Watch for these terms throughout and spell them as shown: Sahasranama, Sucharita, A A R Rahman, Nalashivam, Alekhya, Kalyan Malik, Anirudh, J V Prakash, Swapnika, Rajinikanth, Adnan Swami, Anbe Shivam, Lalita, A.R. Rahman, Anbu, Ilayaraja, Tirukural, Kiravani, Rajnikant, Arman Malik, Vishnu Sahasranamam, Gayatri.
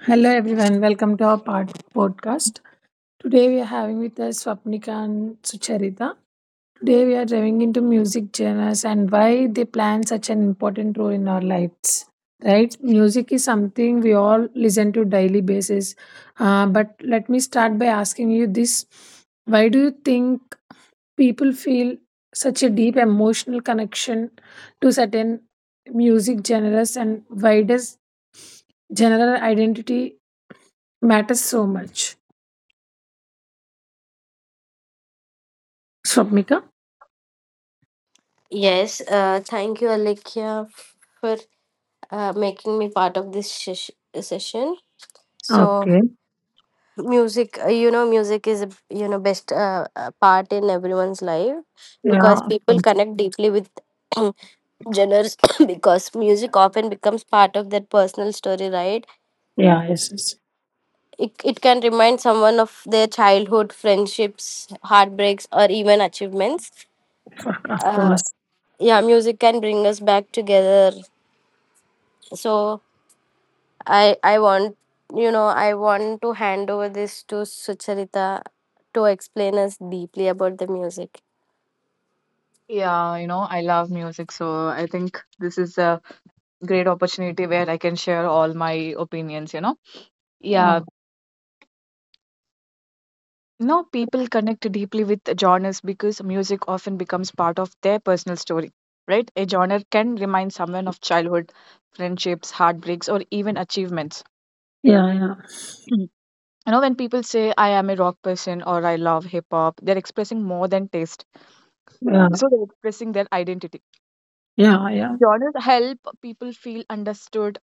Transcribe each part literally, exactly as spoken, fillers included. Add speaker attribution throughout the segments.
Speaker 1: Hello everyone, welcome to our pod- podcast. Today we are having with us Swapnika and Sucharita. Today we are diving into music genres and why they play such an important role in our lives, right? Music is something we all listen to daily basis. Uh, but let me start by asking you this: why do you think people feel such a deep emotional connection to certain music genres, and why does general identity matter so much? Swapnika?
Speaker 2: Yes, uh, thank you, Alekhya, for uh, making me part of this sesh- session. So,
Speaker 1: Okay.
Speaker 2: music, uh, you know, music is, you know, best uh, uh, part in everyone's life because
Speaker 1: Yeah, of
Speaker 2: people
Speaker 1: course.
Speaker 2: connect deeply with genres because music often becomes part of their personal story, right?
Speaker 1: Yeah, yes, yes.
Speaker 2: It, it can remind someone of their childhood, friendships, heartbreaks, or even achievements.
Speaker 1: For, of
Speaker 2: Uh,
Speaker 1: course.
Speaker 2: yeah, music can bring us back together. So, I I want you know I want to hand over this to Sucharita to explain us deeply about the music.
Speaker 3: Yeah, you know, I love music, so I think this is a great opportunity where I can share all my opinions, you know. Yeah,
Speaker 1: Yeah.
Speaker 3: you know, people connect deeply with genres because music often becomes part of their personal story, right? A genre can remind someone of childhood, friendships, heartbreaks, or even achievements.
Speaker 1: Yeah, yeah.
Speaker 3: Mhm. You know, when people say, I am a rock person or I love hip hop, they're expressing more than taste.
Speaker 1: Yeah.
Speaker 3: So they're expressing their identity.
Speaker 1: Yeah, yeah.
Speaker 3: Genres help people feel understood,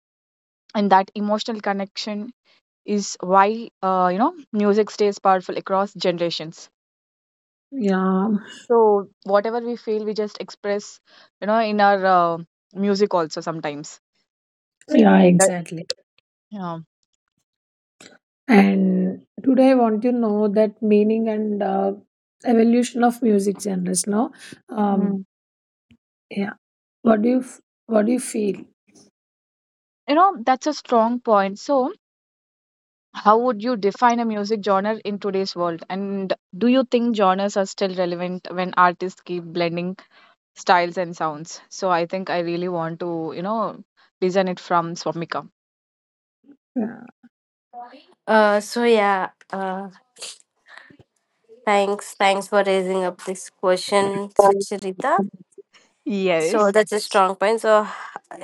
Speaker 3: and that emotional connection is why uh, you know music stays powerful across generations.
Speaker 1: Yeah.
Speaker 3: So whatever we feel, we just express you know in our uh, music also, sometimes
Speaker 1: Yeah,
Speaker 3: that.
Speaker 1: exactly.
Speaker 3: Yeah.
Speaker 1: And today I want to know that meaning and uh, evolution of music genres, no? Um,
Speaker 3: Mm.
Speaker 1: yeah. What do you f- what do you feel?
Speaker 3: You know that's a strong point. So how would you define a music genre in today's world, and do you think genres are still relevant when artists keep blending styles and sounds? So I think I really want to you know listen it from Swamika.
Speaker 1: Yeah.
Speaker 2: Uh, so yeah, uh, thanks thanks for raising up this question, Sucharita. So
Speaker 3: Yes.
Speaker 2: that's a strong point. So,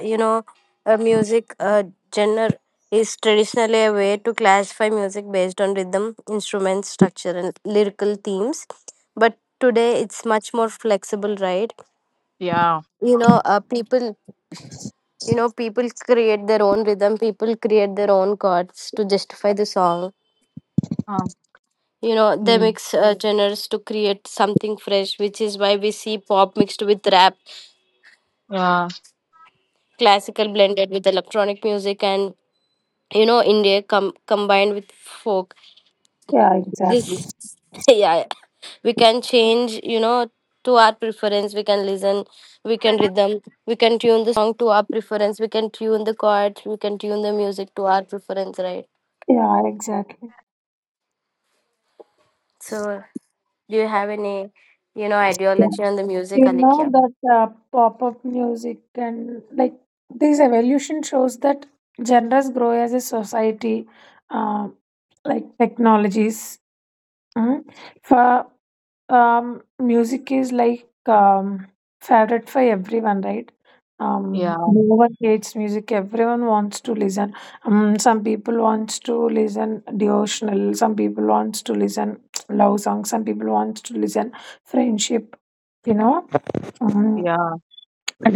Speaker 2: you know, a music uh, genre is traditionally a way to classify music based on rhythm, instruments, structure, and lyrical themes. But today it's much more flexible, right?
Speaker 3: yeah
Speaker 2: you know uh, people You know, people create their own rhythm, people create their own chords to justify the song.
Speaker 3: uh,
Speaker 2: You know, they mix uh, genres to create something fresh, which is why we see pop mixed with rap,
Speaker 3: Yeah,
Speaker 2: classical blended with electronic music, and you know, India com- combined with folk.
Speaker 1: Yeah, exactly.
Speaker 2: This, yeah, we can change you know to our preference. We can listen we can rhythm We can tune the song to our preference, we can tune the chords, we can tune the music to our preference, right?
Speaker 1: Yeah, exactly.
Speaker 2: So, do you have any, you know, ideology on the music,
Speaker 1: You know
Speaker 2: Alikya?
Speaker 1: that uh, pop-up music and like this evolution shows that genres grow as a society, uh, like technologies. mm. For um, music is like um, favorite for everyone, right? Um,
Speaker 3: yeah,
Speaker 1: no one hates music. Everyone wants to listen. Um, some people wants to listen devotional. Some people wants to listen love songs. Some people wants to listen friendship, you know. Mhm.
Speaker 3: yeah,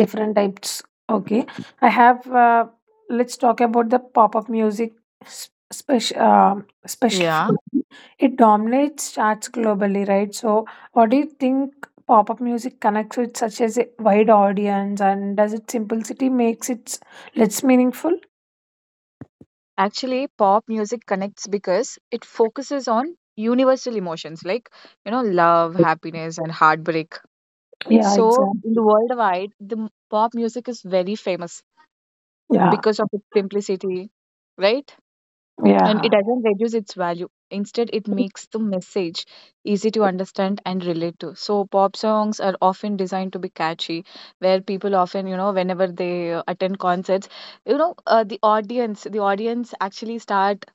Speaker 1: Different types. Okay. I have, uh, let's talk about the pop up music special, uh,
Speaker 3: yeah.
Speaker 1: specifically. It dominates charts globally, right? So, what do you think pop up music connects with such as a wide audience and does its simplicity makes it less meaningful?
Speaker 3: Actually, pop music connects because it focuses on universal emotions like, you know, love, happiness, and heartbreak.
Speaker 1: Yeah,
Speaker 3: So, in
Speaker 1: exactly.
Speaker 3: the worldwide, the m- pop music is very famous
Speaker 1: Yeah,
Speaker 3: because of its simplicity, right?
Speaker 1: yeah,
Speaker 3: And it
Speaker 1: yeah,
Speaker 3: doesn't reduce its value; instead it makes the message easy to understand and relate to. So pop songs are often designed to be catchy, where people often, you know whenever they uh, attend concerts, you know uh, the audience the audience actually start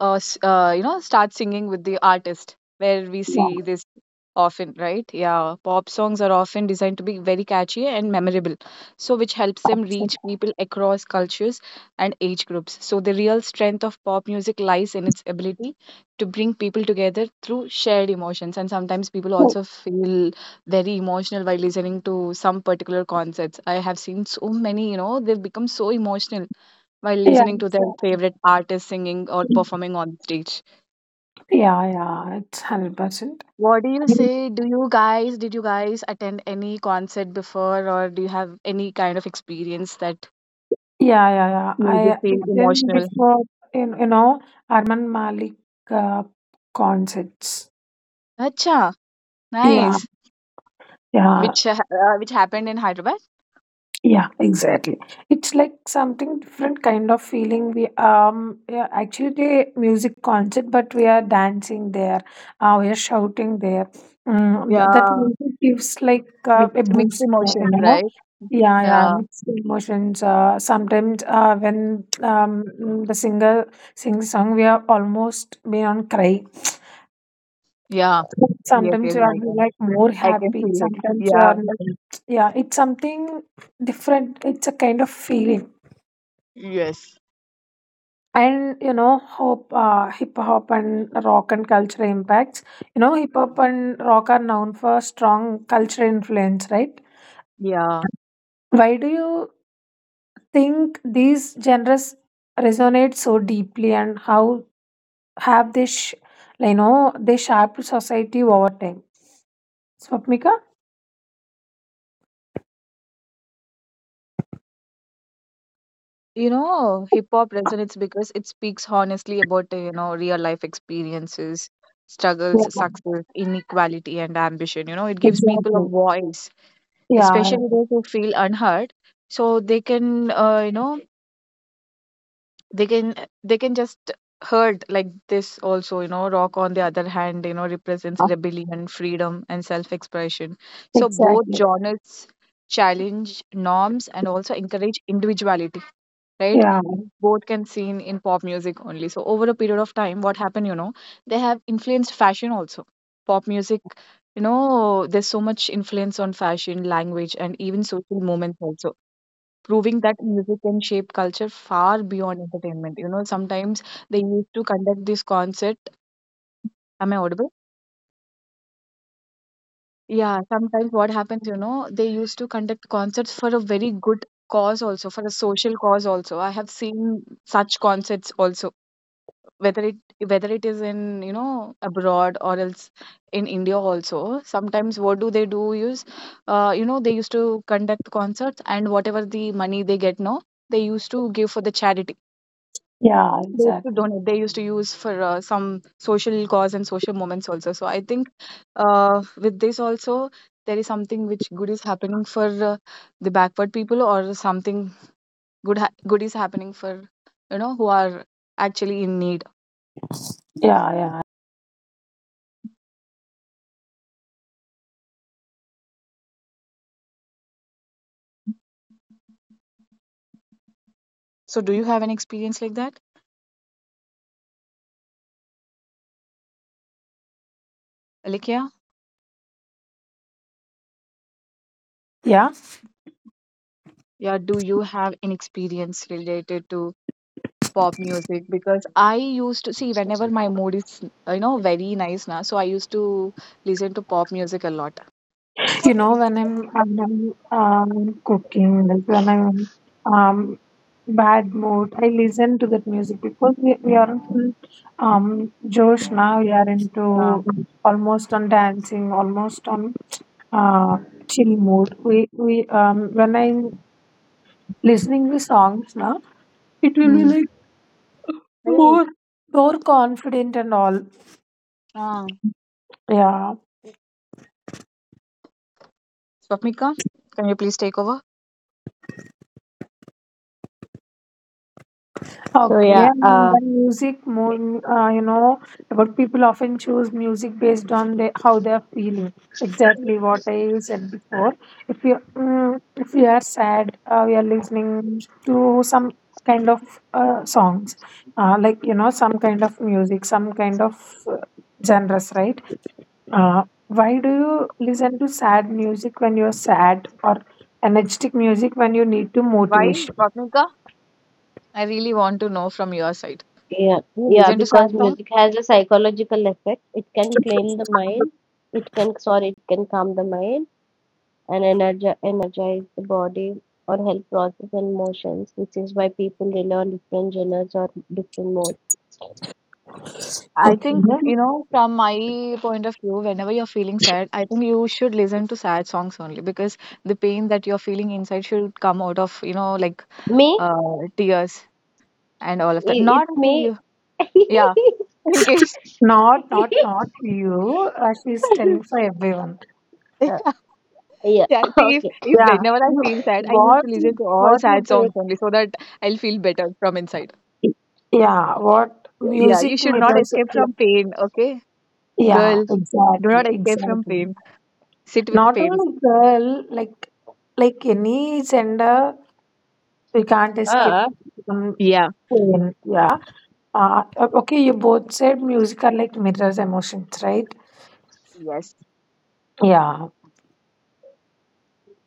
Speaker 3: uh, s- uh, you know start singing with the artist, where we see this often, right? Yeah, pop songs are often designed to be very catchy and memorable, so which helps them reach
Speaker 1: absolutely.
Speaker 3: people across cultures and age groups. So the real strength of pop music lies in its ability to bring people together through shared emotions. And sometimes people also feel very emotional while listening to some particular concerts. I have seen so many, you know they've become so emotional while
Speaker 1: Yeah,
Speaker 3: listening to their
Speaker 1: exactly.
Speaker 3: favorite artist singing or performing on stage.
Speaker 1: Yeah, yeah, it's one hundred percent.
Speaker 3: What do you say? Do you guys, did you guys attend any concert before, or do you have any kind of experience that
Speaker 1: Yeah, yeah, yeah.
Speaker 3: made you
Speaker 1: I
Speaker 3: feel
Speaker 1: didn't
Speaker 3: emotional?
Speaker 1: before, you, you know Arman Malik uh, concerts.
Speaker 3: Acha,
Speaker 1: Yeah,
Speaker 3: nice.
Speaker 1: yeah.
Speaker 3: Which uh, uh, which happened in Hyderabad?
Speaker 1: Yeah, exactly. It's like something different kind of feeling. We um yeah, actually the music concert, but we are dancing there. Uh, we are shouting there. Mm, th- that
Speaker 3: Yeah,
Speaker 1: music gives like uh, a
Speaker 3: mixed mixed
Speaker 1: boost, uh, you
Speaker 3: emotions,
Speaker 1: know.
Speaker 3: right?
Speaker 1: Yeah, yeah,
Speaker 3: Yeah,
Speaker 1: mixed emotions. Uh, sometimes uh, when um mm, the singer sings song, we are almost beyond cry.
Speaker 3: yeah. Yes,
Speaker 1: Sometimes
Speaker 3: yes,
Speaker 1: you are
Speaker 3: I can.
Speaker 1: like more
Speaker 3: I can
Speaker 1: happy,
Speaker 3: feel it.
Speaker 1: sometimes you
Speaker 3: Yeah.
Speaker 1: are like, yeah, it's something different. It's a kind of feeling.
Speaker 3: Yes.
Speaker 1: And you know, hope uh, hip hop and rock and culture impacts. You know, hip hop and rock are known for strong cultural influence, right?
Speaker 3: Yeah.
Speaker 1: Why do you think these genres resonate so deeply, and how have they, sh- you know, they shaped society over time? Swapnika?
Speaker 3: You know, hip hop resonates because it speaks honestly about, uh, you know, real life experiences, struggles,
Speaker 1: Yeah,
Speaker 3: success, inequality, and ambition. You know, it gives people a
Speaker 1: exactly.
Speaker 3: voice,
Speaker 1: Yeah,
Speaker 3: especially those who feel unheard, so they can, uh, you know, they can they can just hurt like this also. You know rock, on the other hand, you know represents rebellion, freedom and self-expression. So both
Speaker 1: exactly.
Speaker 3: genres challenge norms and also encourage individuality, right?
Speaker 1: Yeah.
Speaker 3: Th- both can seen in pop music only. So over a period of time, what happened, you know they have influenced fashion also. Pop music, you know there's so much influence on fashion, language and even social movements also, proving that music can shape culture far beyond entertainment. You know, sometimes they used to conduct this concert. Am I audible? Yeah, sometimes what happens, you know, they used to conduct concerts for a very good cause also, for a social cause also. I have seen such concerts also, whether it whether it is in, you know, abroad or else in India also. Sometimes what do they do is, uh, you know, they used to conduct concerts, and whatever the money they get now, they used to give for the charity.
Speaker 1: Yeah,
Speaker 3: They used to
Speaker 1: exactly.
Speaker 3: donate. They used to use for uh, some social cause and social moments also. So I think uh, with this also there is something which good is happening for uh, the backward people, or something good ha- good is happening for you know who are actually in need.
Speaker 1: Yeah, yeah,
Speaker 3: So do you have an experience like that, Alikia?
Speaker 1: yeah.
Speaker 3: Yeah, do you have an experience related to pop music? Because I used to see whenever my mood is you know very nice now, so I used to listen to pop music a lot.
Speaker 1: You know, when I'm when I'm um, cooking, like when I'm um bad mood, I listen to that music because we we are in um Josh now. We are
Speaker 3: Yeah.
Speaker 1: into almost on dancing, almost on uh chill mood. We we um when I'm listening the songs now, it will be like
Speaker 3: Hey,
Speaker 1: more more confident and all.
Speaker 3: uh,
Speaker 1: Yeah.
Speaker 3: Swapnika, can you please take over?
Speaker 2: So
Speaker 1: Okay,
Speaker 2: yeah,
Speaker 1: and
Speaker 2: uh,
Speaker 1: the music more, uh, you know, about people often choose music based on the, how they're feeling. Exactly what I said before. If you mm, if we are sad, uh, we are listening to some kind of uh, songs, uh, like you know, some kind of music, some kind of uh, genres, right? Uh, why do you listen to sad music when you're sad, or energetic music when you need to
Speaker 3: Why,
Speaker 1: motivation?
Speaker 3: Swapnika? I really want to know from your side.
Speaker 2: yeah,
Speaker 3: Do you
Speaker 2: yeah.
Speaker 3: listen to sad
Speaker 2: Because
Speaker 3: songs?
Speaker 2: music has a psychological effect. It can calm the mind. It can, sorry, it can calm the mind and energi- energize the body or help process emotions, which is why people rely on different genres or different modes.
Speaker 3: I
Speaker 1: Okay.
Speaker 3: think, you know, from my point of view, whenever you're feeling sad, I think you should listen to sad songs only, because the pain that you're feeling inside should come out of, you know, like
Speaker 2: Me,
Speaker 3: uh, tears and all of that.
Speaker 2: it, it
Speaker 3: Not only
Speaker 2: me.
Speaker 3: you. Yeah, in case.
Speaker 1: Not, not, not you. Uh, she's telling for everyone.
Speaker 2: uh, yeah.
Speaker 3: Yeah, see, if,
Speaker 2: Okay.
Speaker 3: if
Speaker 1: Yeah.
Speaker 3: whenever I
Speaker 1: You,
Speaker 3: feel sad, I used
Speaker 1: what,
Speaker 3: to listen
Speaker 1: you-
Speaker 3: to all
Speaker 1: what you
Speaker 3: sad songs
Speaker 1: did?
Speaker 3: only, so that I'll feel better from inside.
Speaker 1: Yeah. What
Speaker 3: Yeah, you
Speaker 1: music
Speaker 3: should not
Speaker 1: mirrors?
Speaker 3: escape
Speaker 1: Like,
Speaker 3: from pain, okay?
Speaker 1: yeah.
Speaker 3: Girl, do not
Speaker 1: Exactly.
Speaker 3: escape from
Speaker 1: Exactly.
Speaker 3: pain. Sit with
Speaker 1: Not
Speaker 3: pain.
Speaker 1: only girl, like, like any gender, we can't escape
Speaker 2: Uh,
Speaker 1: from
Speaker 3: Yeah.
Speaker 1: pain. Yeah. Uh, okay. You both said music are like mirrors emotions, right?
Speaker 3: Yes.
Speaker 1: Yeah.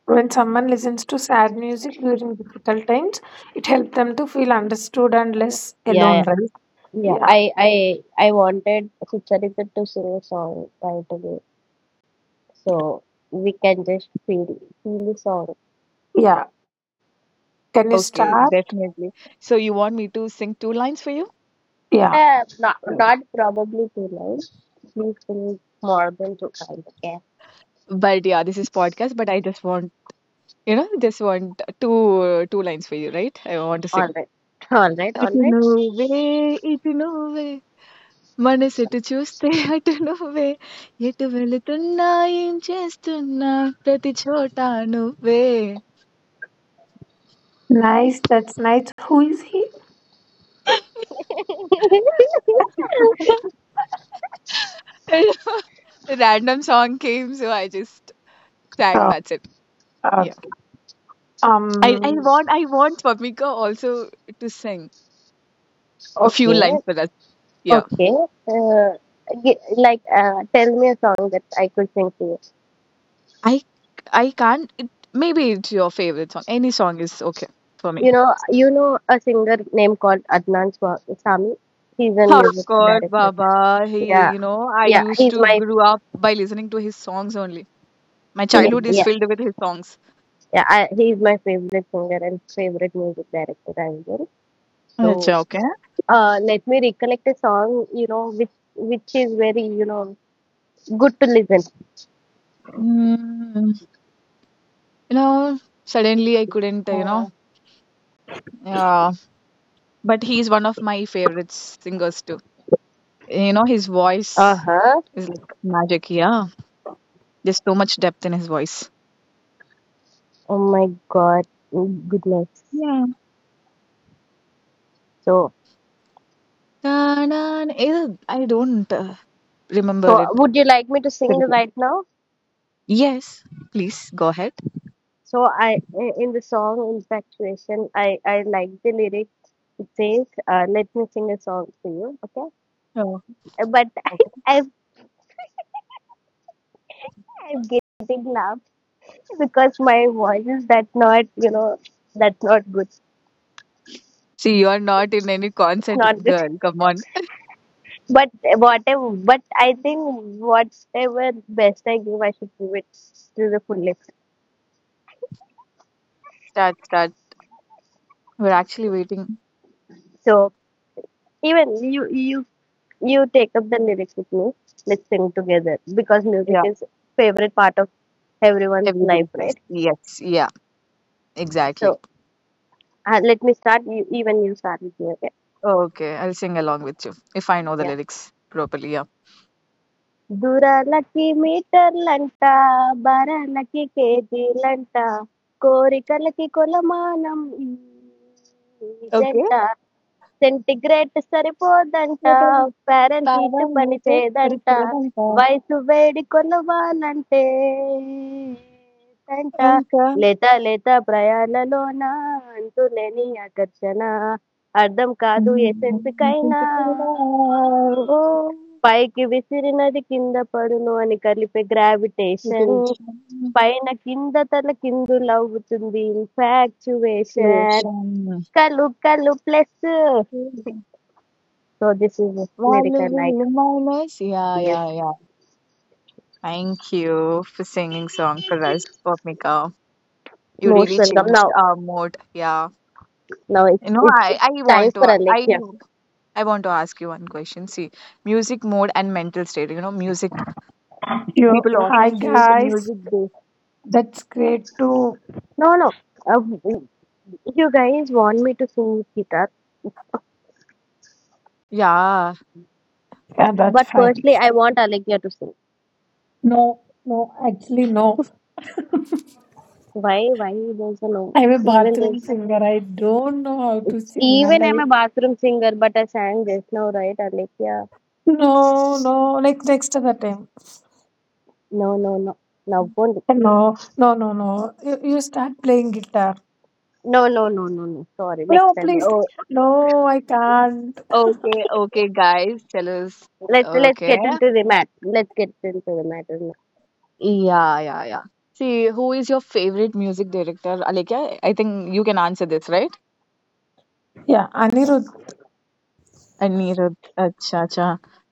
Speaker 1: When someone listens to sad music during difficult times, it helps them to feel understood and less
Speaker 2: yeah,
Speaker 1: alone,
Speaker 2: yeah.
Speaker 1: right?
Speaker 2: Yeah,
Speaker 1: Yeah,
Speaker 2: I, I, I wanted Sucharita to sing a song right away, so we can just feel feel the song.
Speaker 1: yeah. Can you
Speaker 3: Okay,
Speaker 1: start?
Speaker 3: definitely. So you want me to sing two lines for you?
Speaker 1: Yeah.
Speaker 2: Uh, not, not probably too long. Please feel more than two kind. Okay.
Speaker 3: But yeah, this is podcast, but I just want, you know, just want two two lines for you, right? I want to
Speaker 2: All
Speaker 3: sing.
Speaker 2: right. All right. All
Speaker 3: అటు
Speaker 2: right.
Speaker 3: నువ్వే ఇటు నువ్వే మనసెటు చూస్తే అటు నువ్వే ఎటు వెళుతున్నా ఏం చేస్తున్నా ప్రతి చోట నువ్వే
Speaker 1: Nice. That's nice. Who is he?
Speaker 3: A Random song came, so I just sang.
Speaker 1: Oh,
Speaker 3: That's it.
Speaker 1: uh,
Speaker 3: Yeah. I,
Speaker 1: um,
Speaker 3: I want I want Swapnika also to sing a few
Speaker 2: Okay.
Speaker 3: lines for us. Yeah.
Speaker 2: Okay. Uh, y- like, uh, tell me a song that I could sing to you.
Speaker 3: I I can't. It, maybe it's your favorite song. Any song is okay for me.
Speaker 2: You know, you know a singer named called Adnan Swa- Swami. He's a
Speaker 3: Of
Speaker 2: music
Speaker 3: course,
Speaker 2: director.
Speaker 3: Baba. He,
Speaker 2: Yeah.
Speaker 3: you know, I
Speaker 2: Yeah.
Speaker 3: used
Speaker 2: He's
Speaker 3: to
Speaker 2: my,
Speaker 3: grew up by listening to his songs only. My
Speaker 1: yeah,
Speaker 3: childhood is
Speaker 2: yeah.
Speaker 3: filled with his songs.
Speaker 2: Yeah. I, he's my favorite singer and favorite music director as well.
Speaker 3: It's
Speaker 2: So.
Speaker 3: okay.
Speaker 2: Uh, let me recollect a song, you know, which which is very, you know, good to listen.
Speaker 3: Mm, you know, suddenly I couldn't, you know,
Speaker 2: Uh,
Speaker 3: Yeah, but he's one of my favorite singers too. You know, his voice
Speaker 2: huh.
Speaker 3: is like magic. Yeah, there's so much depth in his voice.
Speaker 2: Oh my God. Mm, goodness.
Speaker 3: Yeah.
Speaker 2: So,
Speaker 3: Ta-da-na- eh, I don't uh, remember
Speaker 2: so
Speaker 3: it
Speaker 2: would you like me to sing
Speaker 3: correctly.
Speaker 2: right now?
Speaker 3: Yes, please go ahead.
Speaker 2: So I, in the song Infatuation, I, I like the lyric. It says, uh, let me sing a song for you. Okay.
Speaker 3: Oh,
Speaker 2: Uh, But I,
Speaker 3: okay.
Speaker 2: I'm, I'm getting laughed because my voice is that not, you know, that's not good.
Speaker 3: See, you are not in any
Speaker 2: It's
Speaker 3: concert,
Speaker 2: not good.
Speaker 3: girl. Come on,
Speaker 2: But whatever, but I think whatever best I give, I should give it to the fullest.
Speaker 3: start, start. We're actually waiting.
Speaker 2: So even you, you, you take up the lyrics with me. Let's sing together because music
Speaker 3: Yeah,
Speaker 2: is favorite part of everyone's
Speaker 3: everybody
Speaker 2: life,
Speaker 3: plays.
Speaker 2: right?
Speaker 3: Yes, yeah, exactly.
Speaker 2: So, uh, let me start. You, even you start with me, okay?
Speaker 3: Okay, I'll sing along with you if I know the
Speaker 2: Yeah.
Speaker 3: lyrics properly. Yeah.
Speaker 2: దూరాలకి మీటర్లంట బరాలకి కేజీలంట కోరికలకి కొలమానం ఈ
Speaker 3: Okay.
Speaker 2: జంట centigrade సరిపోదంట Fahrenheit పని
Speaker 3: Parameter
Speaker 2: చేయదంట
Speaker 3: representa
Speaker 2: వయసు వేడి కొలవాలంటే అంట
Speaker 3: anta
Speaker 2: లేత లేత ప్రయాణలోన అంతులేని ఆకర్షణ అర్థం కాదు ఎసెన్స్ కైనా పైకి విసిరినది కింద పడును అని కలిపే గ్రావిటేషన్
Speaker 3: duration
Speaker 2: పైన కింద తల కిందులవుతుంది ఇన్ఫాక్చువేషన్
Speaker 3: situation,
Speaker 2: కలు కలు ప్లస్. So this is
Speaker 3: వాళ్ళు
Speaker 2: Lyrica, like,
Speaker 3: వీళ్ళు minus. Yeah,
Speaker 2: yes,
Speaker 3: yeah, yeah, thank you for singing song for us, Bhumika. You
Speaker 2: most
Speaker 3: really
Speaker 2: welcome.
Speaker 3: changed
Speaker 2: Now
Speaker 3: our mood. Yeah,
Speaker 2: now
Speaker 3: you
Speaker 2: it's
Speaker 3: know
Speaker 2: it's,
Speaker 3: I
Speaker 2: it's
Speaker 3: I
Speaker 2: time
Speaker 3: want
Speaker 2: for
Speaker 3: to I
Speaker 2: Alexia.
Speaker 3: I want to ask you one question. See, music mode and mental state. You know music,
Speaker 1: you.
Speaker 3: people
Speaker 1: Hi,
Speaker 3: often choose
Speaker 1: guys.
Speaker 3: music based.
Speaker 1: That's great too.
Speaker 2: No, no, uh, w- you guys want me to sing guitar,
Speaker 3: Yeah.
Speaker 1: Yeah, that's
Speaker 2: but
Speaker 1: fine.
Speaker 2: firstly I want Alexia to sing.
Speaker 1: No, no, actually, no.
Speaker 2: Why why there's a no,
Speaker 1: I'm a
Speaker 2: even
Speaker 1: bathroom
Speaker 2: this,
Speaker 1: singer. I don't know how to sing, and
Speaker 2: even I'm
Speaker 1: I
Speaker 2: a bathroom singer, but I sang just now, right, Alexia?
Speaker 1: no, no. Next, next other time.
Speaker 2: No, no, no. Now, won't.
Speaker 1: No, no, no, no. You, you start playing guitar.
Speaker 2: No, no, no, no, no. Sorry, next
Speaker 1: No,
Speaker 2: time.
Speaker 1: please.
Speaker 2: Won't.
Speaker 3: Oh,
Speaker 1: No, I can't.
Speaker 3: okay, okay, guys, tell us.
Speaker 2: Let's let's
Speaker 3: Okay.
Speaker 2: get into the matter. Let's get into the matter now.
Speaker 3: Yeah, yeah, yeah. See, who is your favorite music director, Alekya? I think you can answer this, right?
Speaker 1: Yeah, Anirudh.
Speaker 3: Anirudh. Acha, acha.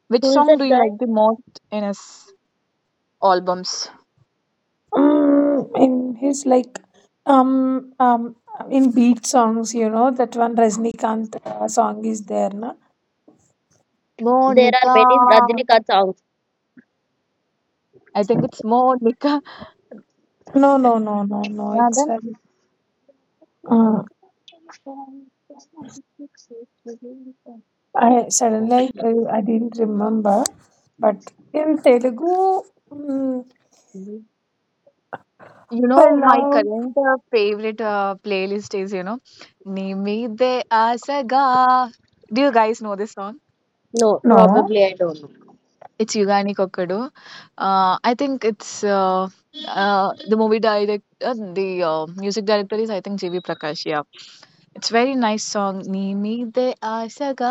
Speaker 3: Which
Speaker 2: Who is
Speaker 3: song
Speaker 2: that
Speaker 3: do you
Speaker 2: guy?
Speaker 3: like the most in his albums?
Speaker 1: Mm, in his like, um, um, in beat songs, you know that one Rajnikant uh, song is there, na?
Speaker 2: There are
Speaker 3: Monica.
Speaker 2: many Rajinikanth songs.
Speaker 3: I think it's Monica.
Speaker 1: No, no, no, no, no.
Speaker 3: Yeah,
Speaker 1: It's
Speaker 3: then
Speaker 1: um, uh, I suddenly I, I didn't remember, but in Telugu, mm,
Speaker 3: you know my
Speaker 1: hello.
Speaker 3: current uh, favorite uh, playlist is, you know Nimide Asaga. Do you guys know this song?
Speaker 2: No,
Speaker 1: No.
Speaker 2: probably I don't know.
Speaker 3: It's Yugani Kokodo. Uh, I think it's uh, uh, the movie direct, uh, the uh, music director is, I think, J V Prakash. Yeah, it's very nice song. Nee meede aashaga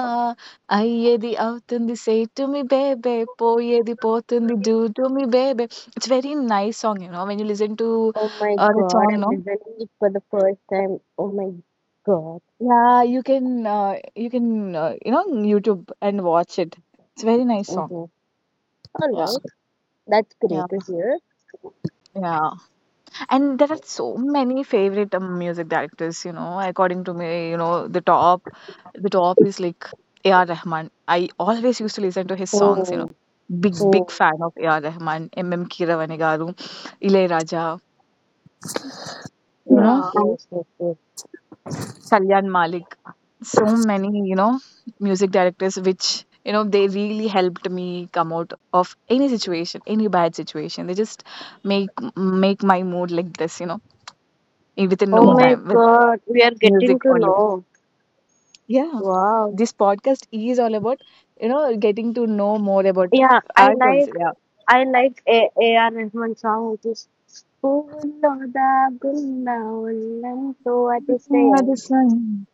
Speaker 3: ayyedi avutundi, say to me baby, poyedi potundi, do to me baby. It's very nice song. You know, when you listen to
Speaker 2: Oh my
Speaker 3: uh, that
Speaker 2: God,
Speaker 3: song,
Speaker 2: I'm
Speaker 3: no.
Speaker 2: listening it for the first time. Oh my God.
Speaker 3: Yeah, you can uh, you can uh, you know YouTube and watch it. It's very nice
Speaker 2: Mm-hmm.
Speaker 3: song.
Speaker 2: All
Speaker 3: Yeah,
Speaker 2: right, that's
Speaker 3: yeah,
Speaker 2: great to hear.
Speaker 3: yeah. And there are so many favorite um, music directors. You know according to me, you know the top the top is like AR Rahman. I always used to listen to his songs. You know
Speaker 2: Oh,
Speaker 3: big big
Speaker 2: oh,
Speaker 3: fan of AR Rahman, M M Kiravani garu, Ilayaraja, you know
Speaker 1: Yeah.
Speaker 2: yes, yes, yes.
Speaker 3: Kalyan Malik, so many, you know music directors which, you know they really helped me come out of any situation, any bad situation. They just make make my mood like this, you know in- within
Speaker 2: Oh
Speaker 3: no
Speaker 2: my
Speaker 3: time, with
Speaker 2: God, we are getting
Speaker 3: music
Speaker 2: to
Speaker 3: only.
Speaker 2: know.
Speaker 3: Yeah,
Speaker 2: Wow.
Speaker 3: this podcast is all about, you know, getting to know more about
Speaker 2: Yeah, I
Speaker 3: ourselves.
Speaker 2: like
Speaker 3: Yeah.
Speaker 2: I like A A R Rahman song, which is "Puvulo daagulla ullanto
Speaker 3: Ah,
Speaker 2: atisayam."
Speaker 3: the Sun,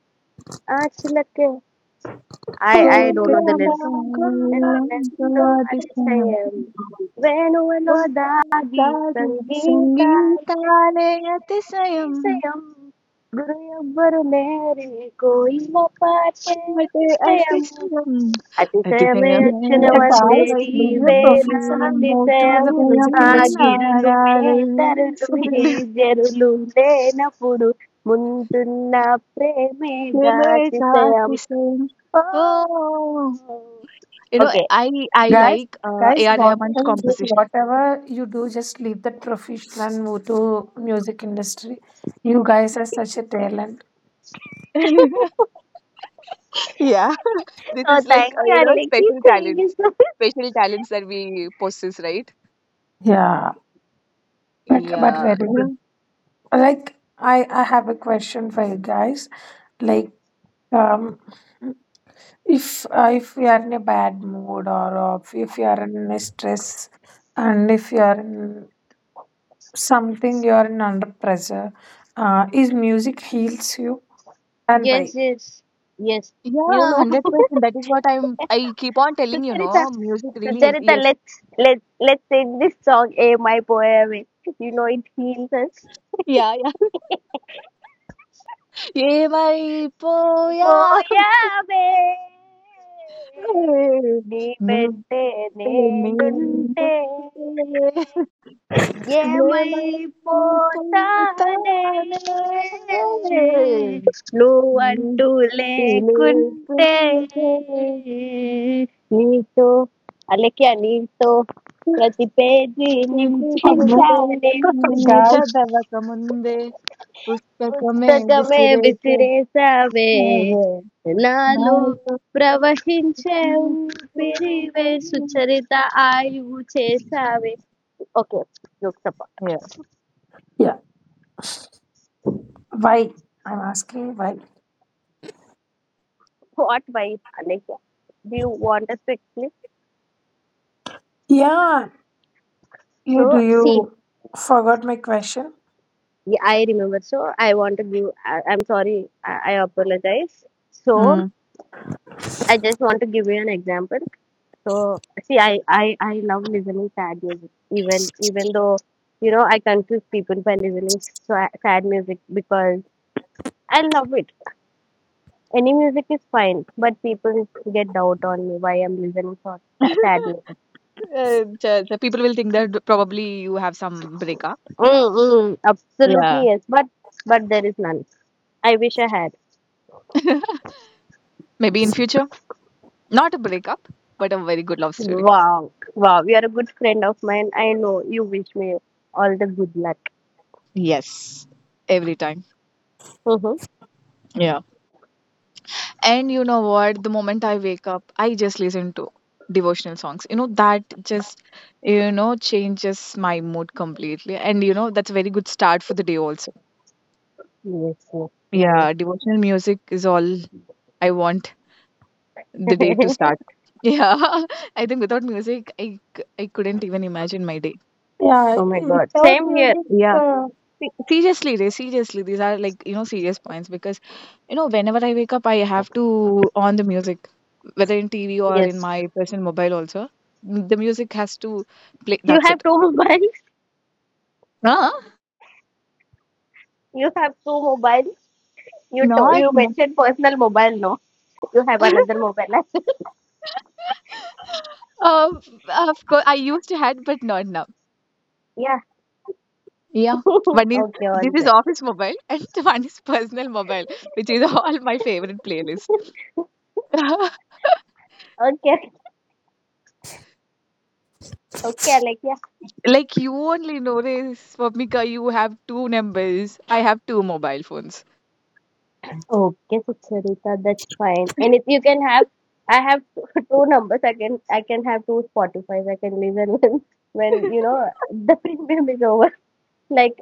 Speaker 2: I I don't know the
Speaker 1: Yeah,
Speaker 2: name.
Speaker 3: కోకతులక వల్లంకాతిశయం. ఓలలాగే సంగీతాలే అతిశయం ఇవటే అతిశయం అతిశయమే
Speaker 1: guys,
Speaker 3: అచ్చరువైతే
Speaker 1: leave your
Speaker 3: నీవు
Speaker 1: profession and move toward the music
Speaker 3: అతిశయం
Speaker 1: industry.
Speaker 3: నారాలు సిరులు ప్రేమేత అతిశయం ఓ You know,
Speaker 2: Okay.
Speaker 3: I I
Speaker 1: Guys,
Speaker 3: like uh,
Speaker 1: guys,
Speaker 3: A R. Rahman's
Speaker 1: whatever you do,
Speaker 3: composition.
Speaker 1: whatever you do, just leave that profession and move to music industry. You guys are such a talent.
Speaker 3: Yeah, this
Speaker 2: So
Speaker 3: is like
Speaker 2: thank
Speaker 3: uh,
Speaker 2: you,
Speaker 3: you know
Speaker 2: Aleki.
Speaker 3: special
Speaker 2: Thank you
Speaker 3: talents,
Speaker 2: so much.
Speaker 3: special talents that we possess, right?
Speaker 1: Yeah, but but
Speaker 3: Yeah,
Speaker 1: very
Speaker 3: you
Speaker 1: good.
Speaker 3: know,
Speaker 1: Like I I have a question for you guys. Like Um, if uh, if you are in a bad mood or uh, if you are in a stress and if you are in something you are in under pressure, uh, is music heals you and why?
Speaker 2: Yes, yes, yes. You
Speaker 3: yeah,
Speaker 2: know,
Speaker 3: hundred percent. That is what I'm. I keep on telling you,
Speaker 2: Sucharita,
Speaker 3: know, music really
Speaker 2: Sucharita,
Speaker 3: heals.
Speaker 2: let's let's let's sing this song. A my poem. You know, it heals us.
Speaker 3: Yes. Yeah, yeah. Ye mai poya,
Speaker 2: పోయావే నీ
Speaker 3: nubte
Speaker 2: వెంటే
Speaker 3: ne
Speaker 2: నేనుంటే
Speaker 3: ye mai poita
Speaker 2: ఏమైపోతానే
Speaker 3: ne.
Speaker 2: నువ్వంటూ లేకుంటే నీతో అలక్య నీతో ప్రతి పేజీ
Speaker 1: Oh, no.
Speaker 2: నింపించాలి
Speaker 1: Guys.
Speaker 3: చదవక ముందే పుస్తకమే
Speaker 2: పుస్తకమే
Speaker 3: విసిరేస
Speaker 2: విసిరేసావే
Speaker 3: అవే
Speaker 2: నాలో
Speaker 3: నాలో.
Speaker 2: ప్రవహించే ఊపిరివే సుచరిత ఆయువు చేసావే okay Lok Sabha.
Speaker 3: Yeah.
Speaker 1: Yeah. Why? I'm asking why.
Speaker 2: What wife, Alexia? Do you want us to explain?
Speaker 1: Yeah. You do
Speaker 2: So, see,
Speaker 1: you forgot my question?
Speaker 2: yeah, I remember. So, I want to give, I, I'm sorry, I, I apologize. So,
Speaker 3: Mm.
Speaker 2: I just want to give you an example. So, see, I, I, I love listening sad music, even, even though, you know, I confuse people by listening sa- sad music because I love it. Any music is fine, but people get doubt on me why I'm listening for sa- sad music.
Speaker 3: Uh, ch- ch- people will think that probably you have some breakup.
Speaker 2: Mm, mm,
Speaker 3: Yeah.
Speaker 2: absolutely yes, but but there is none. I wish I had.
Speaker 3: Maybe in future, not a breakup, but a very good love story.
Speaker 2: Wow, wow, you are a good friend of mine. I know you wish me all the good luck.
Speaker 3: Yes, every time.
Speaker 2: Mm-hmm.
Speaker 3: Yeah. And you know what? The moment I wake up, I just listen to devotional songs. You know, that just, you know, changes my mood completely. And, you know, that's a very good start for the day also.
Speaker 2: Yes, yes,
Speaker 3: Yeah, devotional music is all I want the day to
Speaker 2: nice.
Speaker 3: start. Yeah, I think without music, I, c- I couldn't even imagine my day.
Speaker 1: Yeah,
Speaker 2: Oh my God,
Speaker 1: without
Speaker 2: same here.
Speaker 1: music,
Speaker 3: Yeah.
Speaker 1: uh,
Speaker 3: Se- Seriously, they seriously, these are like, you know, serious points because, you know, whenever I wake up, I have to on the music, whether in T V or in
Speaker 2: Yes,
Speaker 3: my personal mobile also. M- The music has to play.
Speaker 2: you
Speaker 3: That's
Speaker 2: have
Speaker 3: it.
Speaker 2: two mobiles.
Speaker 3: Huh?
Speaker 2: You have two mobiles. You to- you
Speaker 3: Not mo-
Speaker 2: mentioned personal mobile, no? You have another mobile.
Speaker 3: Um, of course, I used to had, but not now.
Speaker 2: yeah.
Speaker 3: Yeah. One is
Speaker 2: Okay, all
Speaker 3: this is
Speaker 2: right.
Speaker 3: office mobile and one is personal mobile, which is all my favorite playlist.
Speaker 2: Okay, okay, Alex.
Speaker 3: Like you only notice, Swapnika, you have two numbers. I have two mobile phones.
Speaker 2: Oh, okay, Sucharita, that's fine. And if you can have, I have two numbers. I can I can have two Spotify's. I can listen when when you know the premium is over. Like.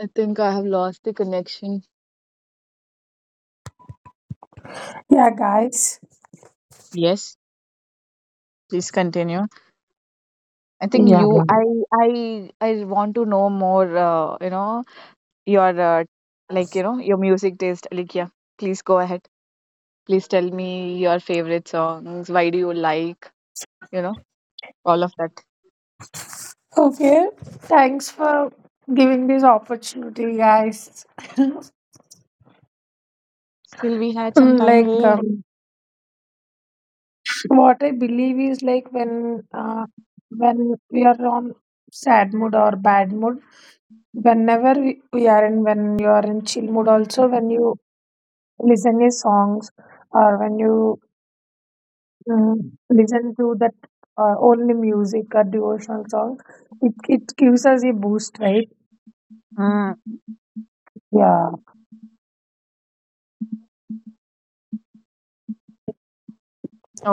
Speaker 3: I think I have lost the connection.
Speaker 1: yeah, guys,
Speaker 3: Yes, please continue. I think
Speaker 1: yeah.
Speaker 3: you, I, I, I want to know more. Uh, you know your, uh, like you know your music taste. Like yeah, please go ahead. Please tell me your favorite songs. Why do you like? You know all of that.
Speaker 1: Okay, thanks for giving this opportunity, guys.
Speaker 3: Still, we had some time,
Speaker 1: Like,
Speaker 3: Ray.
Speaker 1: um, what I believe is like when uh, when we are on sad mood or bad mood, whenever we, we are in when you are in chill mood, also when you listen to songs or when you um, listen to that uh, only music or devotional song, it it gives us a boost, right?
Speaker 3: Mm,
Speaker 1: Yeah,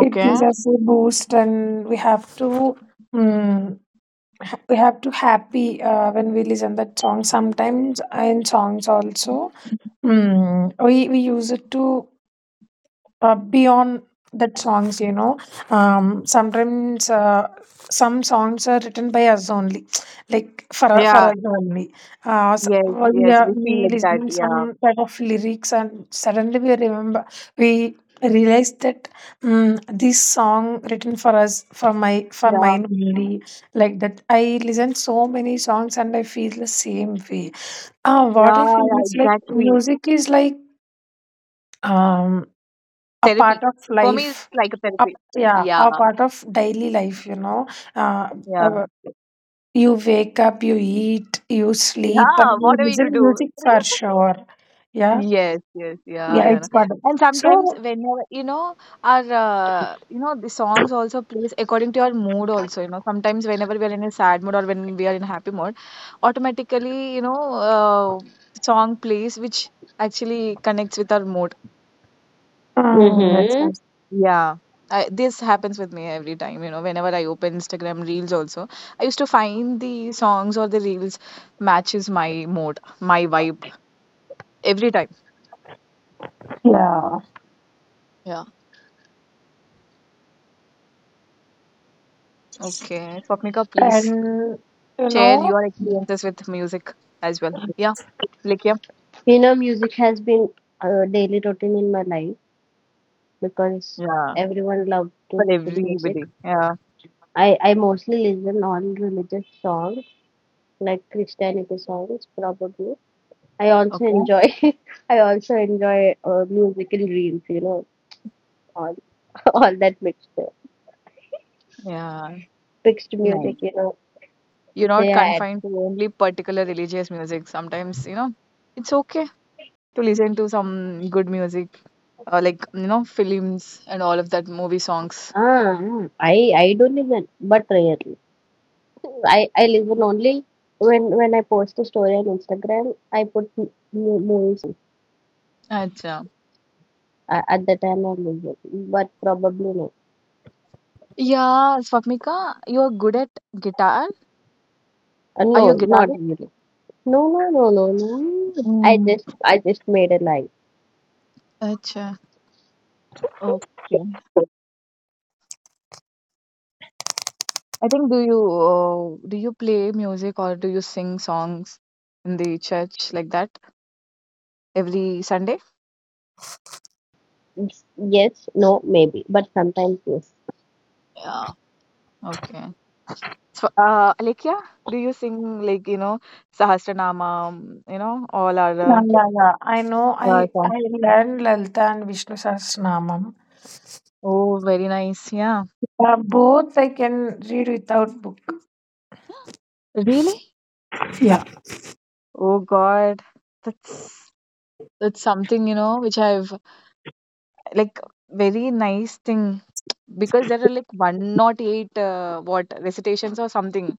Speaker 1: it gives us a boost and we have to mm, ha- we have to happy uh, when we listen that song sometimes in songs also mm, we, we use it to uh, beyond that songs you know um, sometimes uh, some songs are written by us only like for, u- for
Speaker 3: Yeah.
Speaker 1: us only uh, s-
Speaker 3: Yes.
Speaker 1: we,
Speaker 3: Yes.
Speaker 1: are,
Speaker 3: We feel
Speaker 1: we
Speaker 3: like that.
Speaker 1: listen
Speaker 3: Yeah.
Speaker 1: some type of lyrics and suddenly we remember we realize that um, this song written for us for my for
Speaker 3: Yeah.
Speaker 1: mine only like that I listen so many songs and I feel the same way uh, what
Speaker 3: Yeah,
Speaker 1: I feel
Speaker 3: yeah,
Speaker 1: is like
Speaker 3: exactly.
Speaker 1: music is like um a
Speaker 3: Therapy.
Speaker 1: part of
Speaker 3: For me, it's
Speaker 1: life
Speaker 3: like a
Speaker 1: a,
Speaker 3: therapy.
Speaker 1: yeah
Speaker 3: Yeah,
Speaker 1: a part of daily life you know uh,
Speaker 3: yeah,
Speaker 1: uh, you wake up you eat you sleep and
Speaker 3: yeah.
Speaker 1: you
Speaker 3: Whatever you
Speaker 1: listen
Speaker 3: do.
Speaker 1: music for sure yeah
Speaker 3: Yes, yes, yeah,
Speaker 1: yeah
Speaker 3: yeah.
Speaker 1: it's
Speaker 3: No.
Speaker 1: part of
Speaker 3: And sometimes
Speaker 1: so
Speaker 3: whenever you know our uh, you know the songs also plays according to our mood also, you know. Sometimes whenever we are in a sad mood or when we are in a happy mood, automatically, you know, uh, song plays which actually connects with our mood.
Speaker 1: um, yes,
Speaker 2: Mm-hmm.
Speaker 1: yes,
Speaker 3: Yeah. I, this happens with me every time, you know, whenever I open Instagram Reels also. I used to find the songs or the Reels matches my mood, my vibe every time.
Speaker 1: yeah
Speaker 3: Yeah. Okay. Swapnika, please
Speaker 1: and you
Speaker 3: share
Speaker 1: know
Speaker 3: your experiences with music as well. Yeah. Like, yeah.
Speaker 2: You know, music has been a daily routine in my life because
Speaker 3: Yeah.
Speaker 2: everyone loves to
Speaker 3: For
Speaker 2: listen to music.
Speaker 3: everybody. Yeah.
Speaker 2: I, I mostly listen all religious songs, like Christianity songs, probably. I also
Speaker 3: Okay.
Speaker 2: enjoy I also enjoy uh, musical reels, you know, all all that mixture,
Speaker 3: Yeah.
Speaker 2: mixed music,
Speaker 3: Nice.
Speaker 2: you know,
Speaker 3: You're
Speaker 2: they
Speaker 3: not
Speaker 2: had.
Speaker 3: confined to only particular religious music. Sometimes, you know, it's okay to listen to some good music, uh, like you know films and all of that movie songs.
Speaker 2: Ah, ah, I I don't listen, but rarely. I, I listen only when when I post a story on Instagram. I put m- mu- movie
Speaker 3: Acha.
Speaker 2: uh, at the time I listen, but probably no.
Speaker 3: Yeah, Swapnika, you are good at guitar.
Speaker 2: Uh,
Speaker 3: Are
Speaker 2: no,
Speaker 3: you a
Speaker 2: not
Speaker 3: guitarist?
Speaker 2: really. No, no, no, no, no. I
Speaker 3: Mm,
Speaker 2: just I just made a lie.
Speaker 3: Acha. Okay. I think do you uh, do you play music or do you sing songs in the church like that every Sunday?
Speaker 2: Yes, no, maybe, but sometimes yes.
Speaker 3: Yeah. Okay. So, uh, Alekia, do you sing like you know Sahasranama, you know all our
Speaker 1: yeah
Speaker 3: uh,
Speaker 1: yeah yeah I know i
Speaker 3: uh, songs?
Speaker 1: i learned Lalita and Vishnu Sahasranamam
Speaker 3: Oh, very nice. Yeah.
Speaker 1: uh, both I can read without book.
Speaker 3: Really?
Speaker 1: Yeah.
Speaker 3: Oh God, that's that's something, you know, which I've like very nice thing because there are like one hundred eight uh, what recitations or something.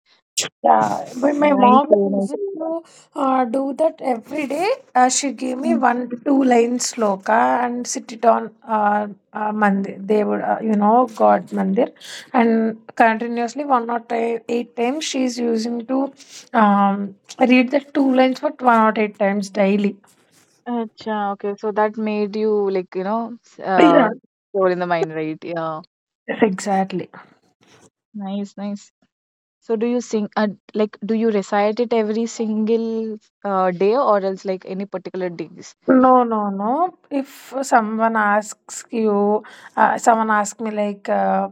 Speaker 1: Yeah, but my
Speaker 3: Nice,
Speaker 1: mom
Speaker 3: very
Speaker 1: used
Speaker 3: nice.
Speaker 1: to uh, do that every day. Uh, she gave me
Speaker 3: Mm.
Speaker 1: one, two lines sloka and sit it on uh, uh, mandir. They would, uh, you know, God mandir, and continuously one or ti- eight times she's using to um, read the two lines for one or eight times daily.
Speaker 3: Acha, okay, so that made you like, you know, s-
Speaker 1: Yeah,
Speaker 3: uh, soul in the mind, right? Yeah.
Speaker 1: exactly.
Speaker 3: Nice, nice. So do you sing uh, like do you recite it every single uh, day or else like any particular days?
Speaker 1: No, no, no. If someone asks you, uh, someone asked me like. Uh,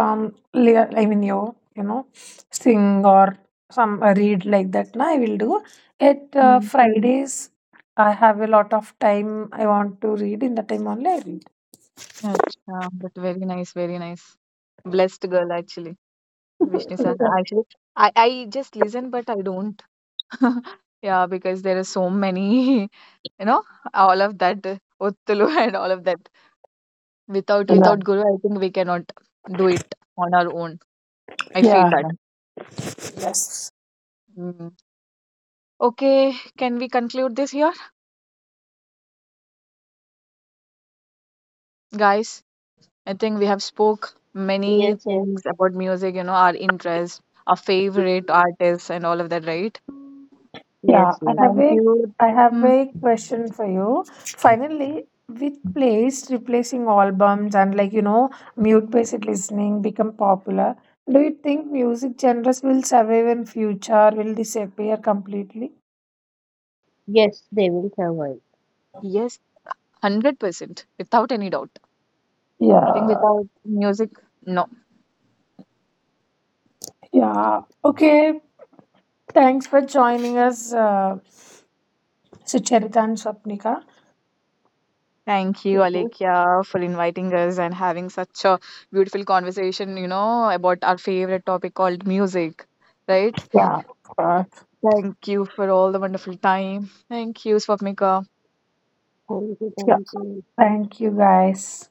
Speaker 1: um le- I mean you you know sing or some uh, read like that na I will do at uh,
Speaker 3: Mm.
Speaker 1: Fridays I have a lot of time I want to read in the time only I read.
Speaker 3: Acha, but very nice, very nice. Blessed girl actually. Vishnu sir, actually, I, I just listen, but I don't. Yeah, because there are so many, you know, all of that, uh, Ottulu and all of that. Without
Speaker 1: Yeah
Speaker 3: without Guru, I think we cannot do it on our own. I feel
Speaker 1: yeah
Speaker 3: that.
Speaker 1: yeah, yes
Speaker 3: Mm. Okay, can we conclude this here? Guys, I think we have spoke many
Speaker 2: Yes, yes,
Speaker 3: things about music, you know, our interest, our favorite artists and all of that, right?
Speaker 1: yeah
Speaker 2: yes,
Speaker 1: i
Speaker 2: yes.
Speaker 1: have
Speaker 3: Thank
Speaker 1: a
Speaker 3: you.
Speaker 1: I have
Speaker 3: Mm,
Speaker 1: a question for you finally with plays replacing albums and like you know mute based listening become popular do you think music genres will survive in future will disappear completely.
Speaker 2: Yes, they will survive.
Speaker 3: yes, one hundred percent, without any doubt. I think
Speaker 1: Yeah,
Speaker 3: without music, no.
Speaker 1: yeah. Okay, thanks for joining us, uh, Sucharita and Swapnika.
Speaker 3: Thank you,
Speaker 2: Okay,
Speaker 3: Alekia, for inviting us and having such a beautiful conversation, you know, about our favorite topic called music, right?
Speaker 1: Yeah, uh,
Speaker 3: Thank you for all the wonderful time. Thank you, Swapnika.
Speaker 2: thank you,
Speaker 1: yeah.
Speaker 2: thank you.
Speaker 1: Thank you, guys.